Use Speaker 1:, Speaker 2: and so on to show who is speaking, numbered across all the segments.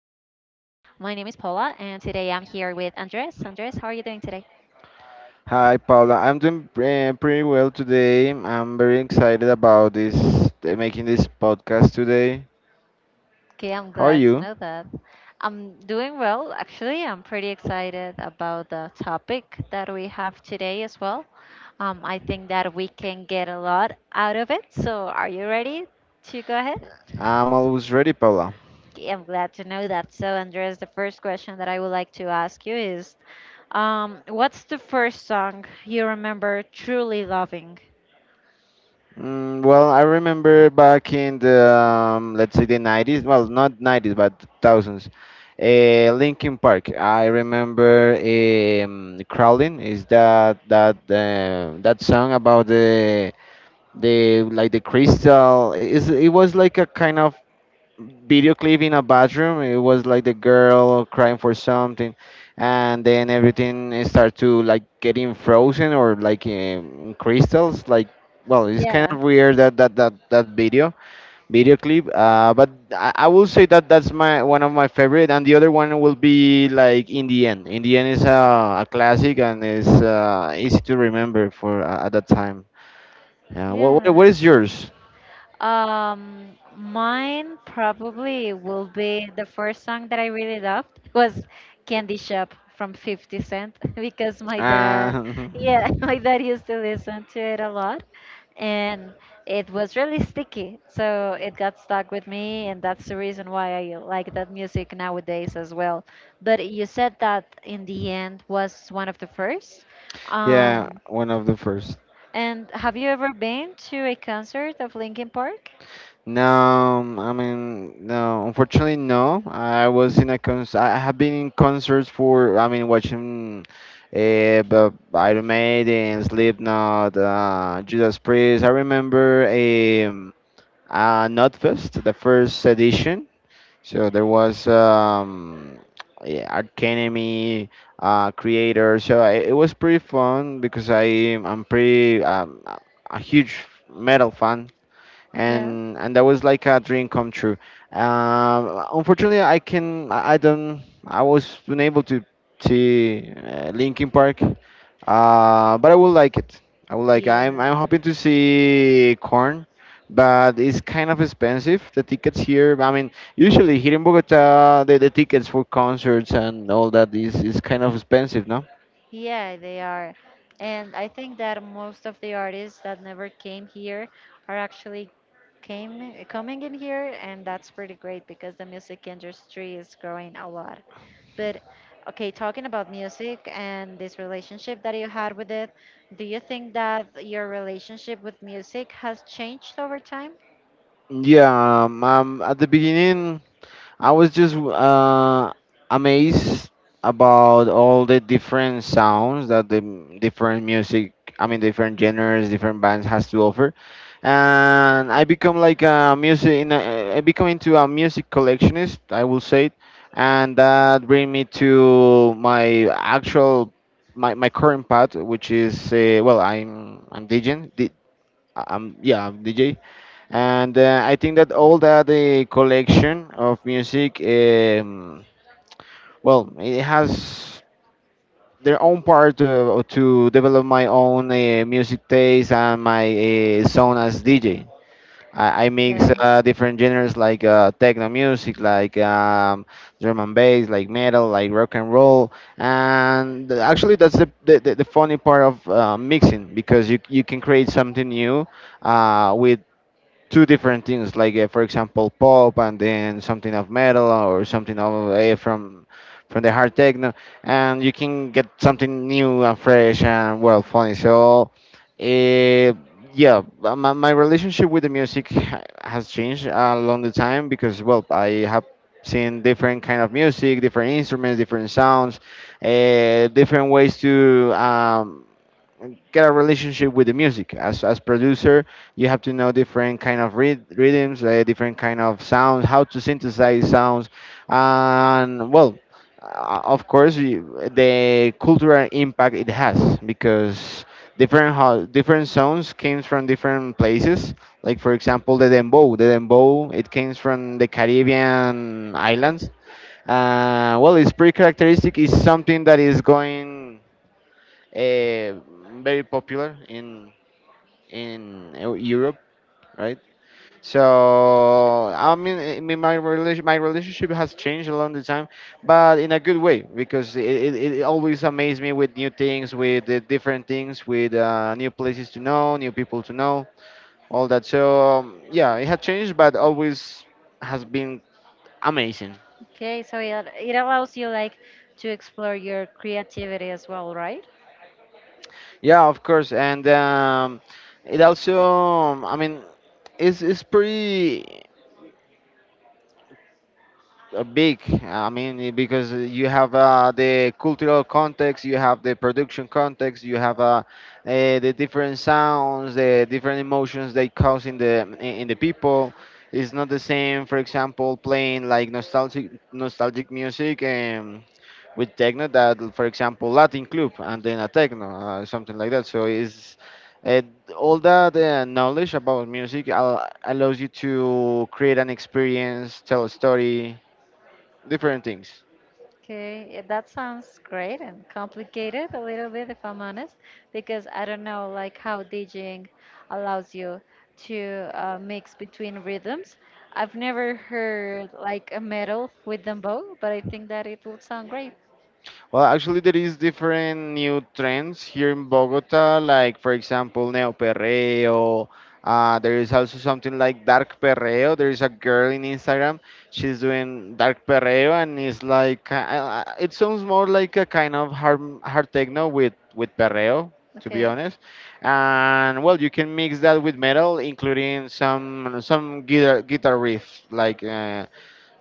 Speaker 1: Paula, and today I'm here with Andres. Andres, how are you doing today?
Speaker 2: Hi, Paula. I'm doing pretty well today. I'm very excited about this, making this podcast today.
Speaker 1: Okay, I'm
Speaker 2: How are
Speaker 1: glad to
Speaker 2: you?
Speaker 1: know that. I'm doing well, actually. I'm pretty excited about the topic that we have today as well. I think that we can get a lot out of it. So, are you ready to go ahead?
Speaker 2: I'm always ready, Paula.
Speaker 1: Yeah, I'm glad to know that. So, Andres, the first question that I would like to ask you is what's the first song you remember truly loving?
Speaker 2: Mm, well, I remember back in the, let's say the 90s, well, not 90s, but thousands. Linkin Park. I remember Crawling. Is that that song about the like the crystal? Is it was like a kind of video clip in a bathroom. It was like the girl crying for something, and then everything start to like getting frozen or like crystals. Like, well, it's kind
Speaker 1: Yeah.
Speaker 2: of weird that that video clip. But I will say that that's my one of my favorite, and the other one will be like in the end. In the end is a classic and is easy to remember for at that time. Yeah. What what,
Speaker 1: Yeah.
Speaker 2: what is yours?
Speaker 1: Mine probably will be the first song that I really loved was Candy Shop from 50 Cent because my dad,
Speaker 2: Uh,
Speaker 1: yeah, my dad used to listen to it a lot and it was really sticky. So it got stuck with me and that's the reason why I like that music nowadays as well. But you said that in the end was one of the first.
Speaker 2: Yeah,
Speaker 1: Um,
Speaker 2: one of the first.
Speaker 1: and have you ever been to a concert of Linkin Park?
Speaker 2: No, I mean, no. Unfortunately, no. I was in a concert. I have been in concerts for. I mean, watching, but Iron Maiden, Slipknot, Judas Priest. I remember Notfest, the first edition. So there was yeah, Arch Enemy, Creator. So I, it was pretty fun because I I'm pretty a huge metal fan,
Speaker 1: Yeah.
Speaker 2: and that was like a dream come true. Unfortunately, I can I don't I was unable to see Linkin Park, but I would like it. I would like I'm
Speaker 1: Yeah,
Speaker 2: hoping to see Corn, but it's kind of expensive. The tickets here, I mean, usually here in Bogota, the tickets for concerts and all that is kind of expensive, no?
Speaker 1: yeah, they are. And I think that most of the artists that never came here are actually came coming in here, and that's pretty great because the music industry is growing a lot. But okay, talking about music and this relationship that you had with it, do you think that your relationship with music has changed over time?
Speaker 2: Yeah, at the beginning. I was just amazed about all the different sounds that different music, I mean, different genres, different bands has to offer, and I become like a music, in a, I become into a music collectionist, I will say, it, and that bring me to my actual, my current path, which is well, I'm DJing, I'm yeah, I'm DJ, and I think that all that the collection of music, well, it has their own part to develop my own music taste and my sound as DJ. I mix
Speaker 1: Okay.
Speaker 2: different genres like techno music, like drum and bass, like metal, like rock and roll, and actually that's the funny part of mixing because you can create something new with two different things, like for example pop and then something of metal or something of from the hard techno, and you can get something new and fresh and well funny. So uh, yeah, my relationship with the music has changed along the time because well I have seen different kind of music, different instruments, different sounds, different ways to get a relationship with the music as producer you have to know different kind of rhythms, different kind of sounds, how to synthesize sounds, and well, of course you, the cultural impact it has because different different sounds came from different places, like for example the dembow, the dembow, it came from the Caribbean islands. Well, it's pretty characteristic, it's something that is going uh, very popular in Europe, right? So I mean, my relationship has changed along the time, but in a good way because it always amazed me with new things, with the different things, with new places to know, new people to know, all that. So yeah, it had changed, but always has been amazing.
Speaker 1: Okay, so it allows you like to explore your creativity as well, right?
Speaker 2: Yeah, of course, and it also, I mean, it's pretty big. I mean, because you have the cultural context, you have the production context, you have the different sounds, the different emotions they cause in the people. It's not the same, for example, playing like nostalgic music and with techno, that, for example, Latin club and then a techno, something like that. So it's uh, all that knowledge about music allows you to create an experience, tell a story, different things.
Speaker 1: Okay, yeah, that sounds great and complicated a little bit, if I'm honest, because I don't know like how DJing allows you to mix between rhythms. I've never heard like a metal with dembow, but I think that it would sound great.
Speaker 2: Well, actually, there is different new trends here in Bogota, like for example, neo perreo. There is also something like dark perreo. There is a girl in Instagram. She's doing dark perreo, and it's like it sounds more like a kind of hard techno with perreo, to be
Speaker 1: Okay,
Speaker 2: honest. And well, you can mix that with metal, including some guitar riffs like.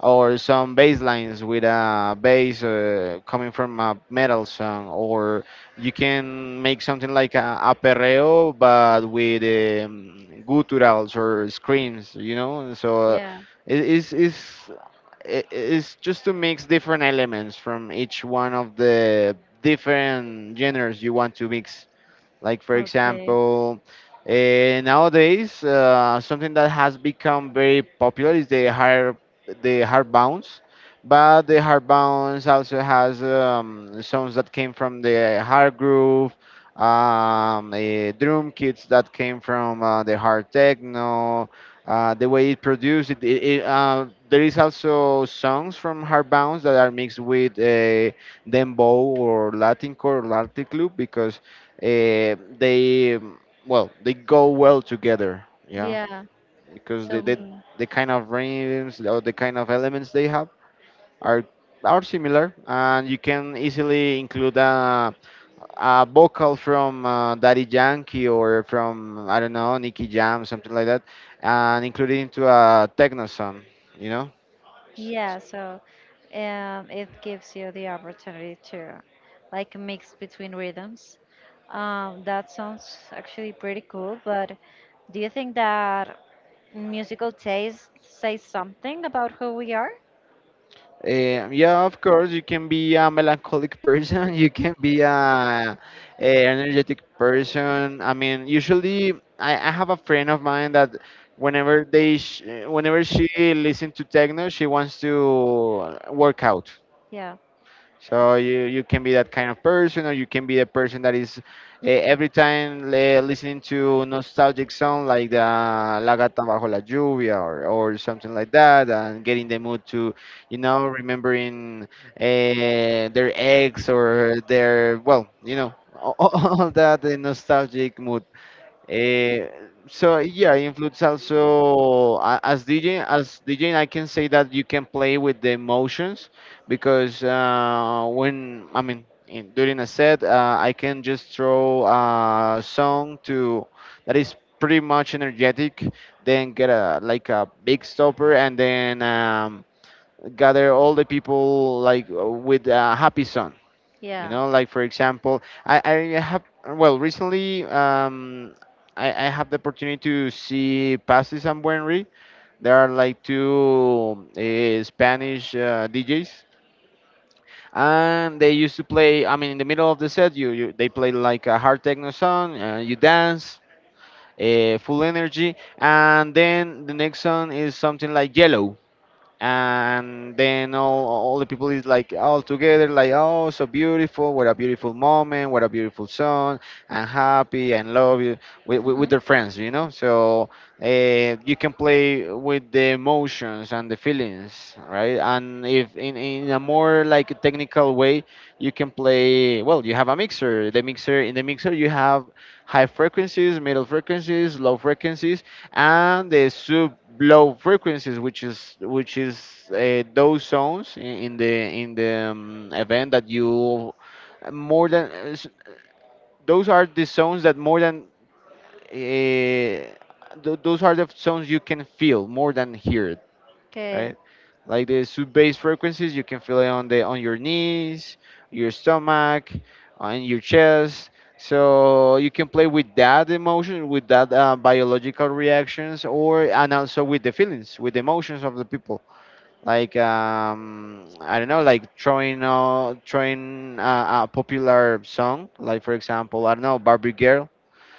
Speaker 2: Or some bass lines with a bass coming from a metal song, or you can make something like a perreo but with gutturals or screams, you know. So
Speaker 1: yeah,
Speaker 2: it is just to mix different elements from each one of the different genres you want to mix. Like, for
Speaker 1: okay,
Speaker 2: example, nowadays, something that has become very popular is the hard bounce. But the hard bounce also has songs that came from the hard groove, drum kits that came from the hard techno, the way it produced it. There is also songs from hard bounce that are mixed with dembow or Latin core or Latin club because they well they go well together, yeah,
Speaker 1: yeah.
Speaker 2: because
Speaker 1: So
Speaker 2: they
Speaker 1: mm,
Speaker 2: the kind of rhythms or the kind of elements they have are are similar, and you can easily include a vocal from Daddy Yankee or from I don't know Nicky Jam, something like that, and include it into a techno song, you know.
Speaker 1: yeah, so it gives you the opportunity to like mix between rhythms. That sounds actually pretty cool, but do you think that musical taste says something about who we are?
Speaker 2: Yeah, of course, you can be a melancholic person, you can be a energetic person. I mean, usually I have a friend of mine that whenever she listens to techno, she wants to work out.
Speaker 1: Yeah,
Speaker 2: So you can be that kind of person, or you can be a person that is every time listening to nostalgic song like the La Gata Bajo la Lluvia or something like that, and get in the mood to, you know, remembering their ex or their, well, you know, all, all that nostalgic mood. Eh, so yeah, influence also as DJ. As DJ, I can say that you can play with the emotions because when I mean during a set, I can just throw a song to that is pretty much energetic, then get a like a big stopper, and then gather all the people like with a happy song, you
Speaker 1: yeah.
Speaker 2: know, like for example, I have, well, recently I have the opportunity to see Pasis and Buenri. There are like two Spanish DJs, and they used to play. I mean, in the middle of the set, you they play like a hard techno song, you dance, full energy, and then the next song is something like Yellow, and then all the people is like all together like, oh so beautiful, what a beautiful moment, what a beautiful song, and happy and love you with, their friends, you know. So you can play with the emotions and the feelings, right, and if in a more like technical way you can play, well you have a mixer, the mixer in the mixer you have high frequencies, middle frequencies, low frequencies, and the sub low frequencies, which is those zones in the event that you more than s- those are the zones that more than th- those are the zones you can feel more than hear, right?
Speaker 1: Okay,
Speaker 2: Like the sub bass frequencies, you can feel it on the on your knees, your stomach, on your chest. So you can play with that emotion, with that biological reactions, or and also with the feelings, with the emotions of the people. Like I don't know, like throwing a popular song, like for example, I don't know, Barbie Girl,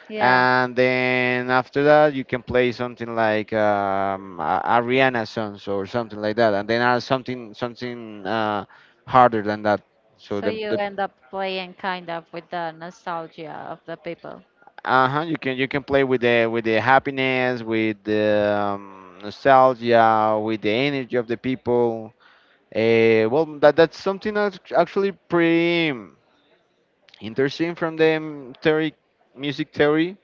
Speaker 1: yeah.
Speaker 2: and then after that you can play something like Ariana songs or something like that, and then something harder than that. So
Speaker 1: So you
Speaker 2: the
Speaker 1: end up playing kind of with the nostalgia of the people.
Speaker 2: uh-huh, you can play with the happiness, with the nostalgia, with the energy of the people. Well, that's something that's actually pretty interesting from the theory, music theory.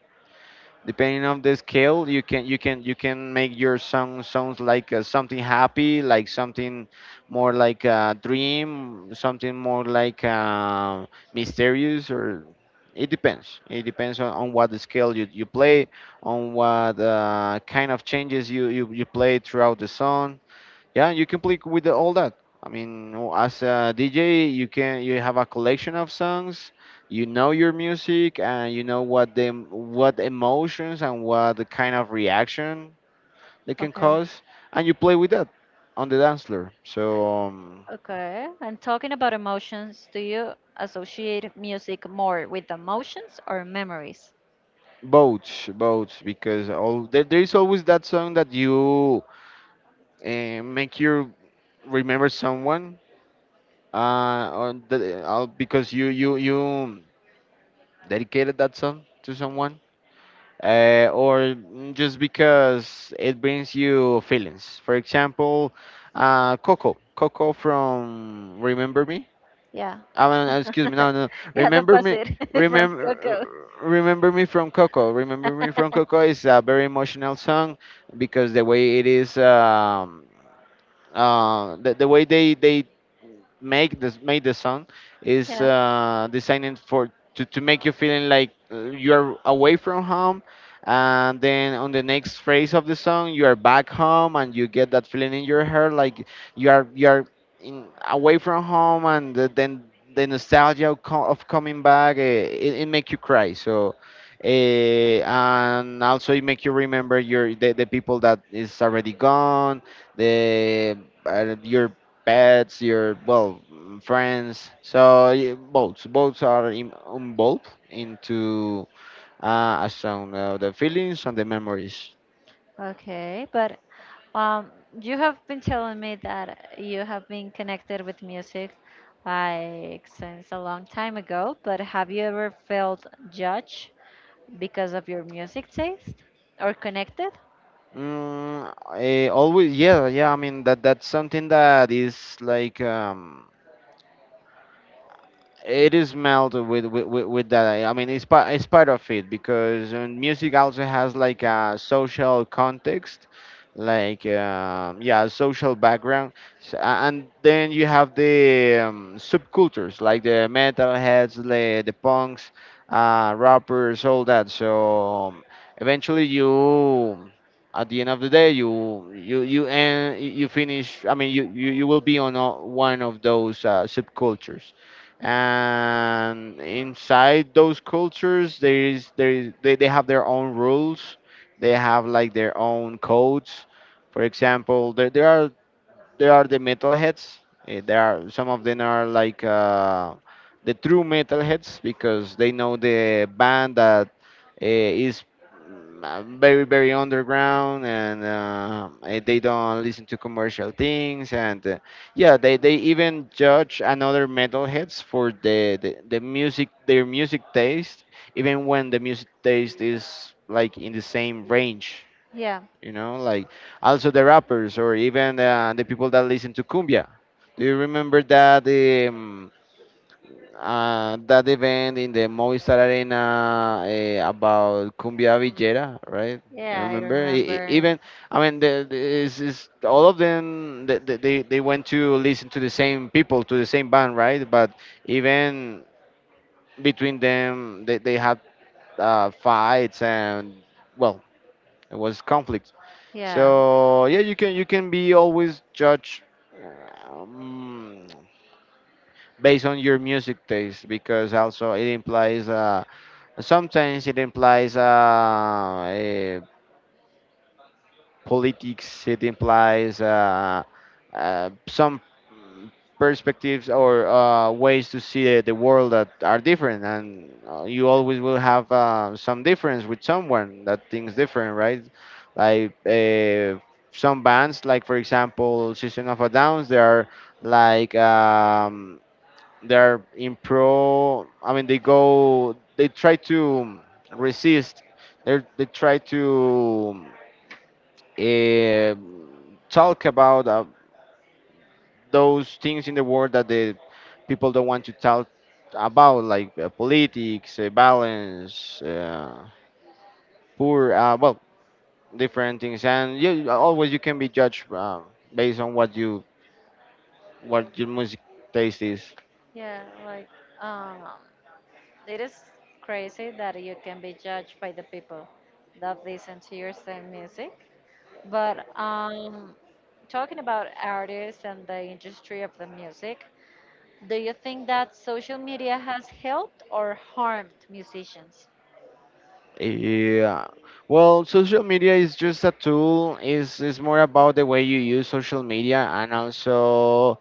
Speaker 2: Depending on the scale, you can make your song sounds like something happy, like something more like a dream, something more like mysterious, or it depends on what the scale you play, on what kind of changes you play throughout the song. Yeah, you can play with all that. I mean, as a DJ, you have a collection of songs. You know your music, and you know what emotions and what the kind of reaction they can
Speaker 1: Okay.
Speaker 2: cause, and you play with that on the dance floor. So
Speaker 1: Okay. And talking about emotions, do you associate music more with emotions or memories?
Speaker 2: both, both, because all there is always that song that you make you remember someone, because you dedicated that song to someone, just because it brings you feelings. For example, Coco from Remember Me.
Speaker 1: Yeah.
Speaker 2: I mean, excuse me, no, no,
Speaker 1: Yeah, the
Speaker 2: Remember Me,
Speaker 1: opposite from
Speaker 2: remember,
Speaker 1: Coco.
Speaker 2: remember me from Coco. Remember me from Coco is a very emotional song because the way it is, the way they make this made the song is
Speaker 1: Yeah.
Speaker 2: designed for to make you feeling like you're away from home, and then on the next phrase of the song you are back home and you get that feeling in your heart like you are away from home, and then the nostalgia of, of coming back, it make you cry. So and also it make you remember the people that is already gone, the your pets, your, well, friends. So yeah, both, both are in, involved into a sound, the feelings and the memories.
Speaker 1: Okay, but um, you have been telling me that you have been connected with music like since a long time ago, but have you ever felt judged because of your music taste or connected?
Speaker 2: Always, yeah, yeah. I mean, that that's something that is like it is melded with, that. I mean, it's part, it's part of it, because music also has like a social context, like yeah, social background. And then you have the subcultures, like the metalheads, the punks, rappers, all that. So eventually you at the end of the day, you finish. I mean, you will be on one of those subcultures, and inside those cultures there is they have their own rules, they have like their own codes. For example, there are, there are the metalheads. There are some of them are like the true metalheads, because they know the band that very, very underground, and they don't listen to commercial things, and yeah, they even judge another metalheads for the music, their music taste, even when the music taste is like in the same range,
Speaker 1: Yeah.
Speaker 2: you know, like also the rappers, or even the people that listen to cumbia. Do you remember that that event in the Movistar Arena about cumbia villera, right? I
Speaker 1: Yeah, I
Speaker 2: remember.
Speaker 1: remember.
Speaker 2: Even, I mean is all of them, they went to listen to the same people, to the same band, right? But even between them, they had fights and, well, it was conflict.
Speaker 1: Yeah.
Speaker 2: So yeah, you can, you can be always judged um, based on your music taste, because also it implies sometimes it implies a politics. It implies some perspectives, or ways to see the world that are different, and you always will have some difference with someone that thinks different, right? Like some bands, like, for example, System of a Downs. They are like they are in pro. I mean, they go, they try to resist. They try to um talk about those things in the world that the people don't want to talk about, like politics, balance, poor, well, different things. And you always, you can be judged based on what you, what your music taste is.
Speaker 1: Yeah, like um, it is crazy that you can be judged by the people that listen to your same music. But talking about artists and the industry of the music, do you think that social media has helped or harmed musicians?
Speaker 2: Yeah. Well, social media is just a tool. Is more about the way you use social media, and also,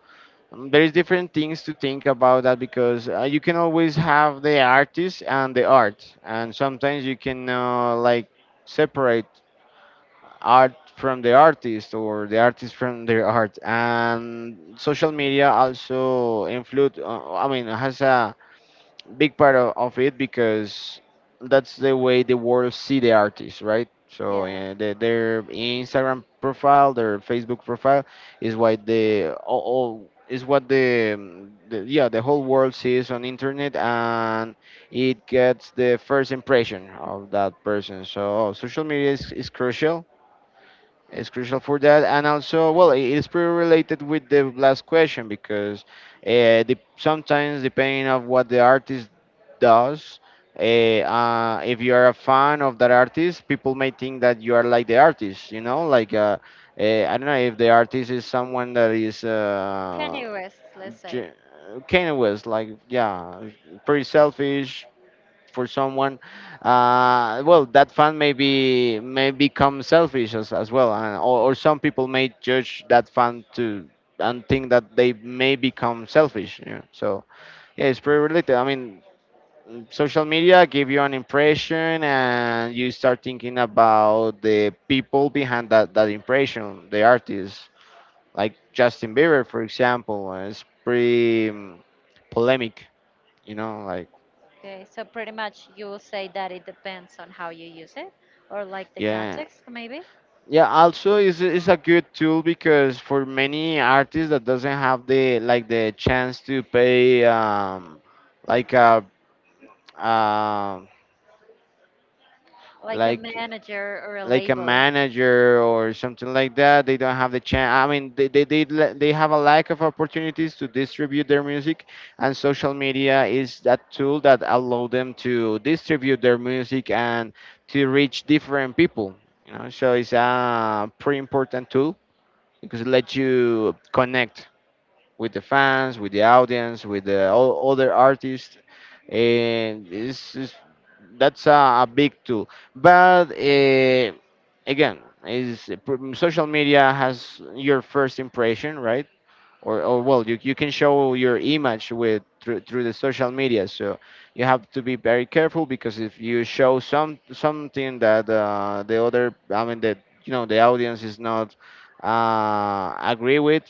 Speaker 2: There is different things to think about that, because you can always have the artist and the art, and sometimes you can like separate art from the artist, or the artist from their art. And social media also influence, I mean, has a big part of it, because that's the way the world see the artist, right? So
Speaker 1: Yeah.
Speaker 2: their Instagram profile, their Facebook profile is what all is what the yeah, the whole world sees on internet, and it gets the first impression of that person. So, oh, social media is crucial. It's crucial for that. And also, well, it is pretty related with the last question, because sometimes depending of what the artist does. If you are a fan of that artist, people may think that you are like the artist, you know, like I don't know, if the artist is someone that is
Speaker 1: Kanye West, let's say.
Speaker 2: J- Kanye West, like, yeah, pretty selfish for someone. Well, that fan may be, may become selfish as well, and, or some people may judge that fan to, and think that they may become selfish. You know? So yeah, it's pretty related. I mean, social media give you an impression, and you start thinking about the people behind that impression, the artists, like Justin Bieber, for example, is pretty polemic, you know, like,
Speaker 1: Okay, so pretty much you will say that it depends on how you use it, or like the
Speaker 2: yeah.
Speaker 1: context, maybe,
Speaker 2: Yeah, also is a good tool, because for many artists that doesn't have the, like, the chance to pay, like a um
Speaker 1: like a
Speaker 2: like
Speaker 1: manager or a
Speaker 2: like a
Speaker 1: label.
Speaker 2: manager or something like that. They don't have the chance. I mean, they have a lack of opportunities to distribute their music, and social media is that tool that allow them to distribute their music and to reach different people, you know? So it's a pretty important tool, because it lets you connect with the fans, with the audience, with the other artists. And it's, that's a big tool. But again, social media has your first impression, right? Or well, you can show your image with, through the social media. So you have to be very careful, because if you show something that I mean, that, you know, the audience is not agree with,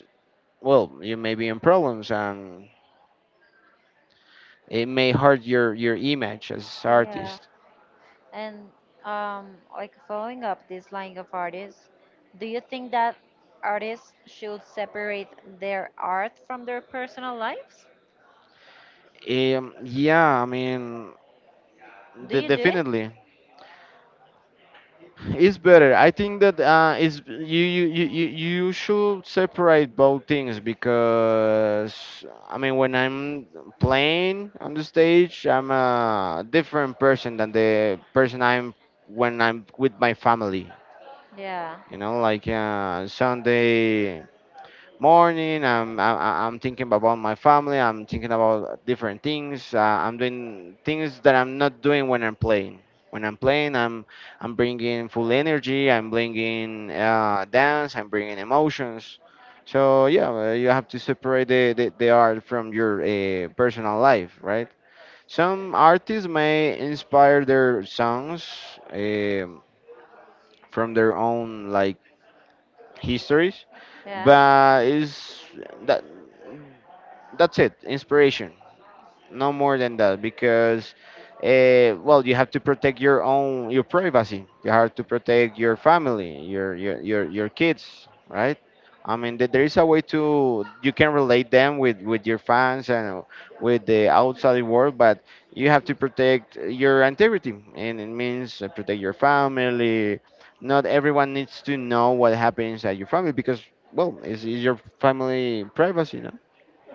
Speaker 2: well, you may be in problems, and it may hurt your image as
Speaker 1: Yeah.
Speaker 2: artist.
Speaker 1: And um, like following up this line of artists, do you think that artists should separate their art from their personal lives?
Speaker 2: Yeah, I mean,
Speaker 1: Do you do it?
Speaker 2: definitely, it's better. I think that is you you you should separate both things, because I mean, when I'm playing on the stage, I'm a different person than the person I'm when I'm with my family.
Speaker 1: Yeah,
Speaker 2: You know, like, Sunday morning. I am thinking about my family. I'm thinking about different things. I'm doing things that I'm not doing when I'm playing. When I'm playing, I'm bringing full energy. I'm bringing dance. I'm bringing emotions. So yeah, you have to separate the art from your personal life, right? Some artists may inspire their songs um from their own, like, histories,
Speaker 1: yeah.
Speaker 2: but is that, that's it, inspiration, no more than that, because well, you have to protect your own, your privacy, you have to protect your family, your kids, right? I mean, there is a way to, you can relate them with your fans and with the outside world, but you have to protect your integrity, and it means protect your family. Not everyone needs to know what happens at your family, because, well, it's your family privacy, no?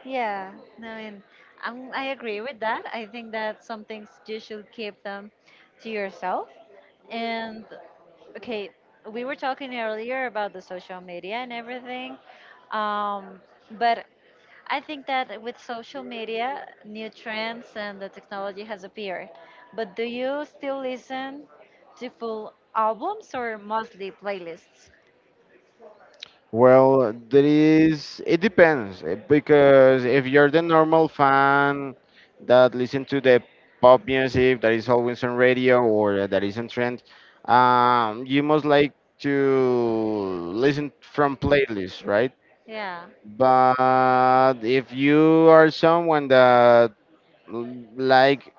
Speaker 1: Yeah, no, I mean, I agree with that. I think that some things you should keep them to yourself. And okay, we were talking earlier about the social media and everything, um, but I think that with social media, new trends and the technology has appeared. But do you still listen to full albums or mostly playlists?
Speaker 2: Well, there is, it depends, because if you're the normal fan that listen to the pop music that is always on radio or that is on trend, you must like to listen from playlists, right?
Speaker 1: Yeah.
Speaker 2: But if you are someone that l- like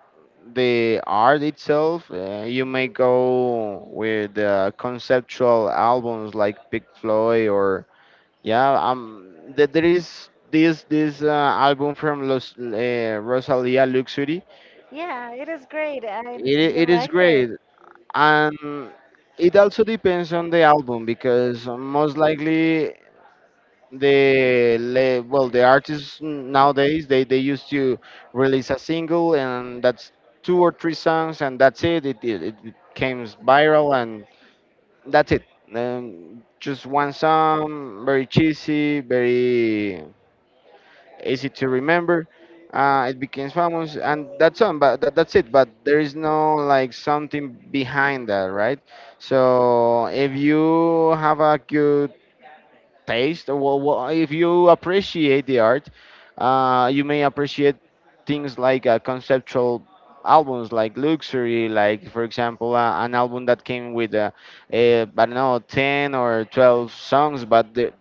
Speaker 2: the art itself, you may go with conceptual albums like Pink Floyd, or, yeah, there is this album from Los, Rosalia Luxury.
Speaker 1: Yeah, it is great. And
Speaker 2: It
Speaker 1: you
Speaker 2: it is
Speaker 1: liked it.
Speaker 2: great, and it also depends on the album, because most likely well, the artists nowadays they used to release a single, and that's two or three songs, and that's it. It, it came viral, and that's it. Just one song, very cheesy, very easy to remember. It became famous, and that's on. But that, that's it. But there is no like something behind that, right? So if you have a good taste, or if you appreciate the art, you may appreciate things like conceptual albums like luxury, like for example an album that came with I don't know, 10 or 12 songs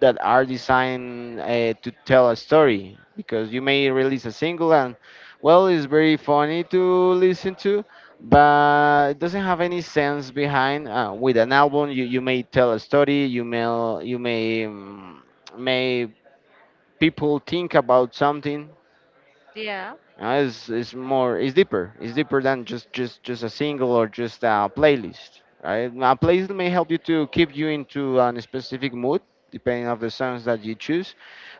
Speaker 2: that are designed to tell a story, because you may release a single and, well, it's very funny to listen to, but it doesn't have any sense behind. With an album you may tell a story, you may you may um, may people think about something.
Speaker 1: Yeah.
Speaker 2: It's more, it's deeper, it's deeper than just a single or just a playlist, right? A playlist may help you to keep you into a specific mood depending on the songs that you choose,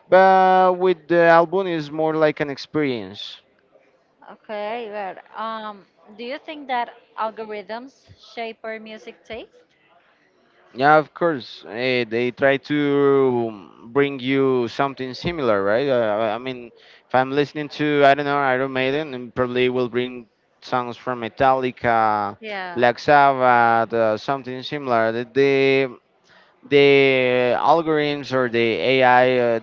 Speaker 2: but with the album is more like an experience.
Speaker 1: Okay, well, do you think that algorithms shape our music taste?
Speaker 2: Yeah, of course. They try to bring you something similar, right? I mean, if I'm listening to, I don't know, Iron Maiden, and probably will bring songs from Metallica,
Speaker 1: Yeah.
Speaker 2: Black Sabbath, something similar. The algorithms or the AI,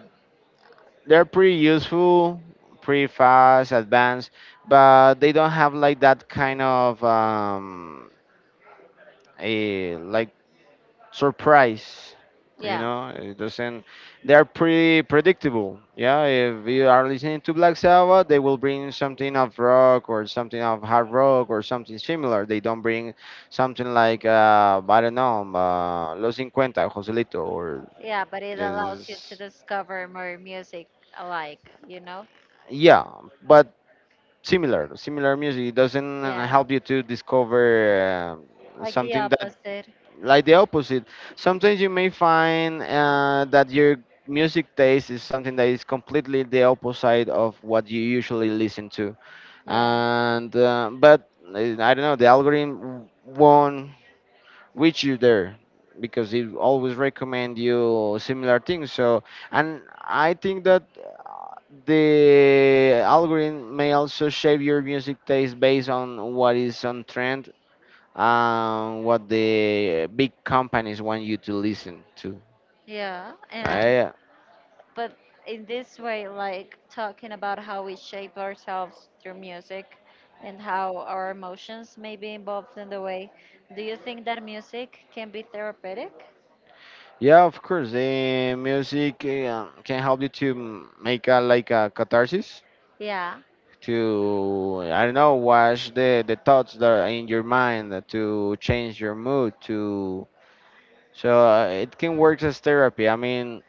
Speaker 2: they're pretty useful, pretty fast, advanced, but they don't have like that kind of a like surprise, you
Speaker 1: Yeah.
Speaker 2: know. It doesn't, they're pretty predictable. Yeah, if you are listening to Black Sabbath, they will bring something of rock or something of hard rock or something similar. They don't bring something like I don't know, Los Cincuenta, Joselito or
Speaker 1: Yeah, but it allows you to
Speaker 2: just.
Speaker 1: discover more music alike, you know?
Speaker 2: Yeah, but similar music, it doesn't
Speaker 1: Yeah.
Speaker 2: help you to discover
Speaker 1: Like the
Speaker 2: something that,
Speaker 1: opposite.
Speaker 2: like the opposite. Sometimes you may find that your music taste is something that is completely the opposite of what you usually listen to.
Speaker 1: Yeah.
Speaker 2: And but I don't know, the algorithm won't reach you there because it always recommend you similar things. So, and I think that the algorithm may also shape your music taste based on what is on trend and what the big companies want you to listen to,
Speaker 1: Yeah, and
Speaker 2: right?
Speaker 1: but in this way, like talking about how we shape ourselves through music and how our emotions may be involved in the way, do you think that music can be therapeutic?
Speaker 2: Yeah, of course, the music can help you to make a, like a catharsis,
Speaker 1: Yeah,
Speaker 2: to, I don't know, wash the thoughts that are in your mind, to change your mood, to, so it can work as therapy. I mean,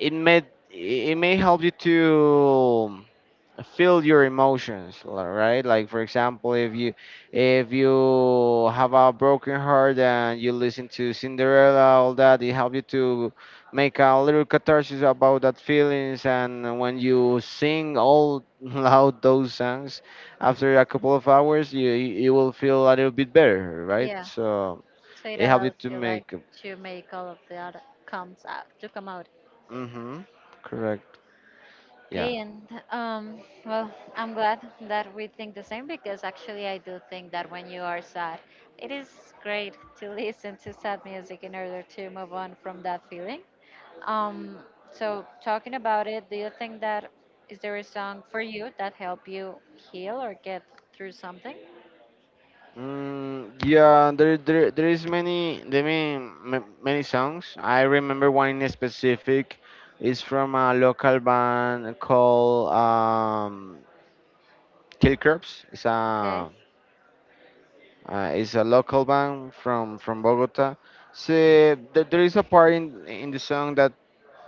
Speaker 2: it may, it may help you to feel your emotions, right, like for example, if you, if you have a broken heart and you listen to Cinderella all that, it helps you to make a little catharsis about that feelings, and when you sing all loud those songs, after a couple of hours, you will feel a little bit better, right?
Speaker 1: yeah.
Speaker 2: So
Speaker 1: So it
Speaker 2: it helps you
Speaker 1: allows
Speaker 2: to
Speaker 1: you like
Speaker 2: make.
Speaker 1: to make all of that comes out to come out.
Speaker 2: Mhm. Correct. Yeah.
Speaker 1: Okay, and um, well, I'm glad that we think the same because actually I do think that when you are sad, it is great to listen to sad music in order to move on from that feeling. Um, so talking about it, do you think that is there a song for you that help you heal or get through something?
Speaker 2: Yeah, there is many, there many, many songs. I remember one in specific. It's from a local band called Kill Crops.
Speaker 1: Okay,
Speaker 2: It's a local band from Bogota. So there is a part in the song that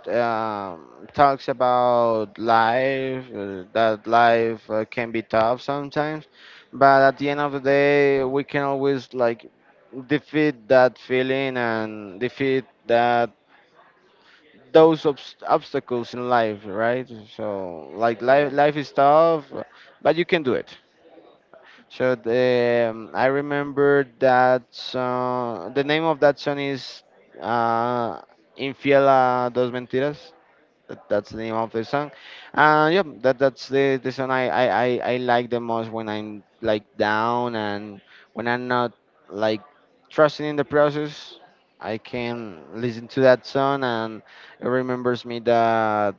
Speaker 2: um, talks about life, that life can be tough sometimes, but at the end of the day, we can always like defeat that feeling and defeat that those obstacles in life, right? So like
Speaker 1: yeah,
Speaker 2: life, life is tough, but you can do it. So I remember that song. The name of that song is uh, "Infiel a dos mentiras." That's the name of the song. Yeah, that's the song I like the most when I'm like down and when I'm not like trusting in the process. I can listen to that song and it remembers me that,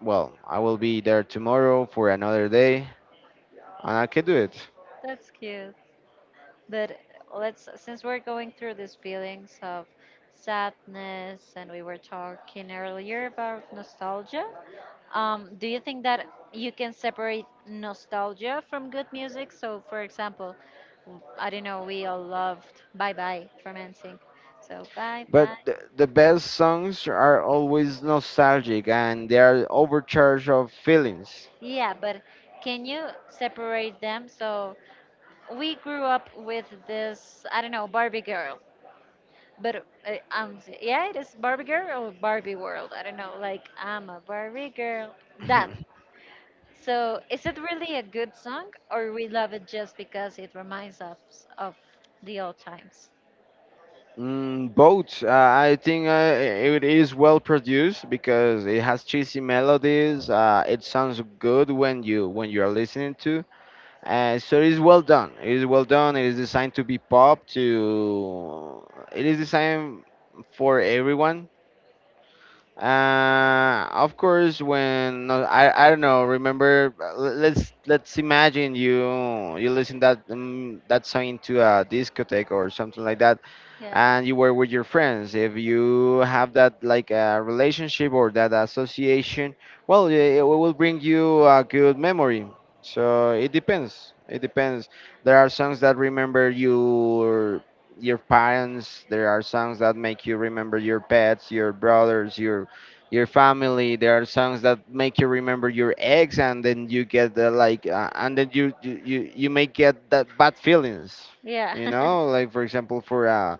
Speaker 2: well, I will be there tomorrow for another day and I can do it.
Speaker 1: that's cute. But let's, since we're going through these feelings of sadness and we were talking earlier about nostalgia, do you think that you can separate nostalgia from good music? So, for example, I don't know, we all loved Bye Bye from NSYNC. So, Bye Bye.
Speaker 2: But the best songs are always nostalgic and they are overcharged of feelings.
Speaker 1: Yeah, but can you separate them? So, we grew up with this, I don't know, Barbie girl. But yeah, it is Barbie Girl or Barbie World. I don't know. Like I'm a Barbie girl. That. So is it really a good song, or we love it just because it reminds us of the old times?
Speaker 2: Both. I think it is well produced because it has cheesy melodies. It sounds good when you, when you are listening to. So it is well done. It is well done. It is designed to be pop. To, it is designed for everyone. Of course, when no, I don't know. Remember, let's imagine you, you listen that that song into a discotheque or something like that,
Speaker 1: Yeah.
Speaker 2: and you were with your friends. If you have that like relationship or that association, well, it will bring you a good memory. So it depends, it depends. There are songs that remember your parents. There are songs that make you remember your pets, your brothers, your family. There are songs that make you remember your ex, and then you get the like and then you may get that bad feelings,
Speaker 1: Yeah.
Speaker 2: you know, like for example for uh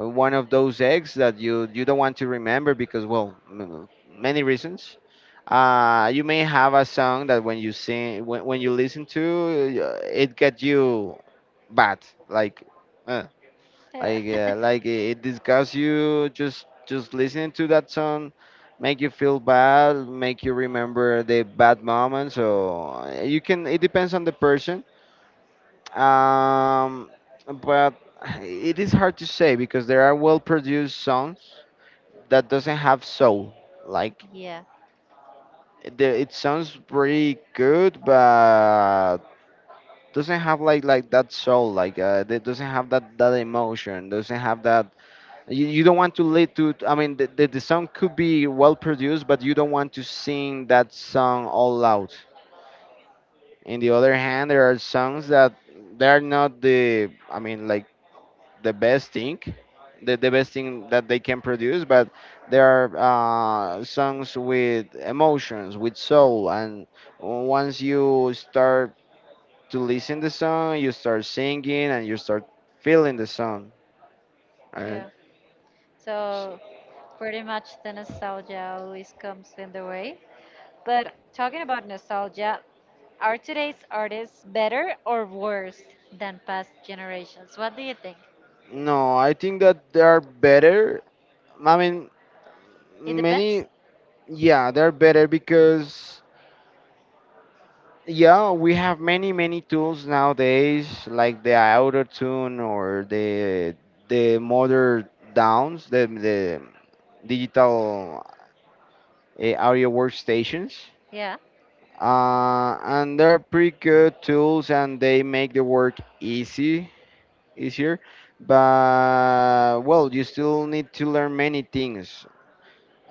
Speaker 2: uh, one of those eggs that you don't want to remember because, well, many reasons. You may have a song that when you sing, when you listen to, it get you bad, like uh,
Speaker 1: Yeah.
Speaker 2: like it disgusts you, just listening to that song, make you feel bad, make you remember the bad moments. So you can, it depends on the person. um, but it is hard to say because there are well-produced songs that doesn't have soul. Like
Speaker 1: Yeah.
Speaker 2: it sounds pretty good, but doesn't have like that soul. Like it doesn't have that emotion. Doesn't have that. You don't want to lead to. I mean, the song could be well-produced, but you don't want to sing that song all out. In the other hand, there are songs that they are not the. I mean, like the best thing, the best thing that they can produce, but there are songs with emotions, with soul, and once you start to listen the song, you start singing and you start feeling the song and
Speaker 1: Yeah.
Speaker 2: s-
Speaker 1: So pretty much the nostalgia always comes in the way. But talking about nostalgia, are today's artists better or worse than past generations? What do you think?
Speaker 2: no, I think that they are better. I mean,
Speaker 1: It depends.
Speaker 2: many, yeah, they're better because, yeah, we have many tools nowadays, like the auto tune or the modern downs, the digital audio workstations,
Speaker 1: Yeah,
Speaker 2: and they're pretty good tools, and they make the work easy, easier. But well, you still need to learn many things.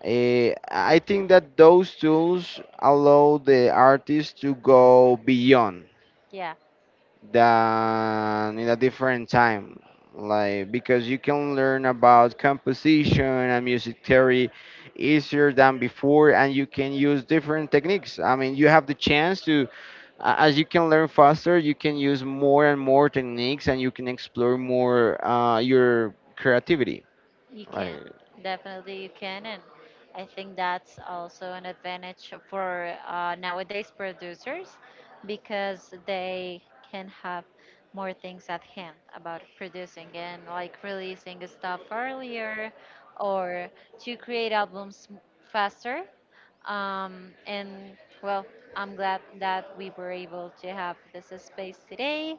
Speaker 2: I think that those tools allow the artist to go beyond
Speaker 1: yeah,
Speaker 2: than in a different time, like because you can learn about composition and music theory easier than before, and you can use different techniques. I mean, you have the chance to, as you can learn faster, you can use more and more techniques, and you can explore more your creativity,
Speaker 1: you
Speaker 2: like.
Speaker 1: can. Definitely you can. And I think that's also an advantage for nowadays producers because they can have more things at hand about producing and like releasing stuff earlier or to create albums faster. And well, I'm glad that we were able to have this space today.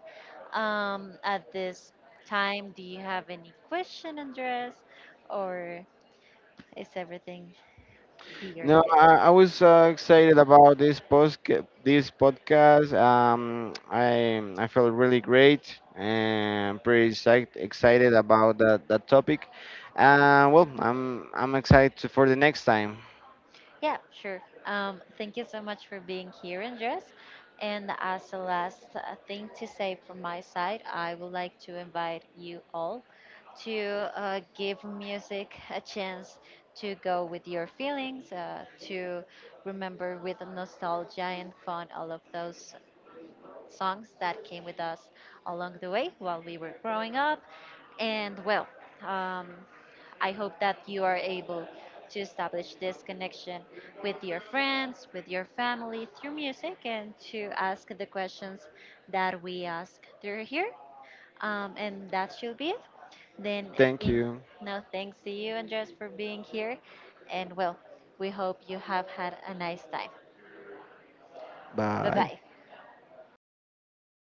Speaker 1: At this time, do you have any question, Andres, or is everything clear in
Speaker 2: No, I was excited about this post this podcast. I felt really great and pretty psyched, excited about that topic. Well, I'm excited to- for the next time.
Speaker 1: Yeah, sure. Thank you so much for being here, Andres. And as a last thing to say from my side, I would like to invite you all to give music a chance to go with your feelings, to remember with nostalgia and fun all of those songs that came with us along the way while we were growing up. And well, um, I hope that you are able to establish this connection with your friends, with your family through music, and to ask the questions that we ask through here. And that should be it. Then,
Speaker 2: Thank
Speaker 1: thank,
Speaker 2: you.
Speaker 1: no thanks to you, Andres, for being here. And well, we hope you have had a nice time. Bye
Speaker 2: Bye.
Speaker 1: bye.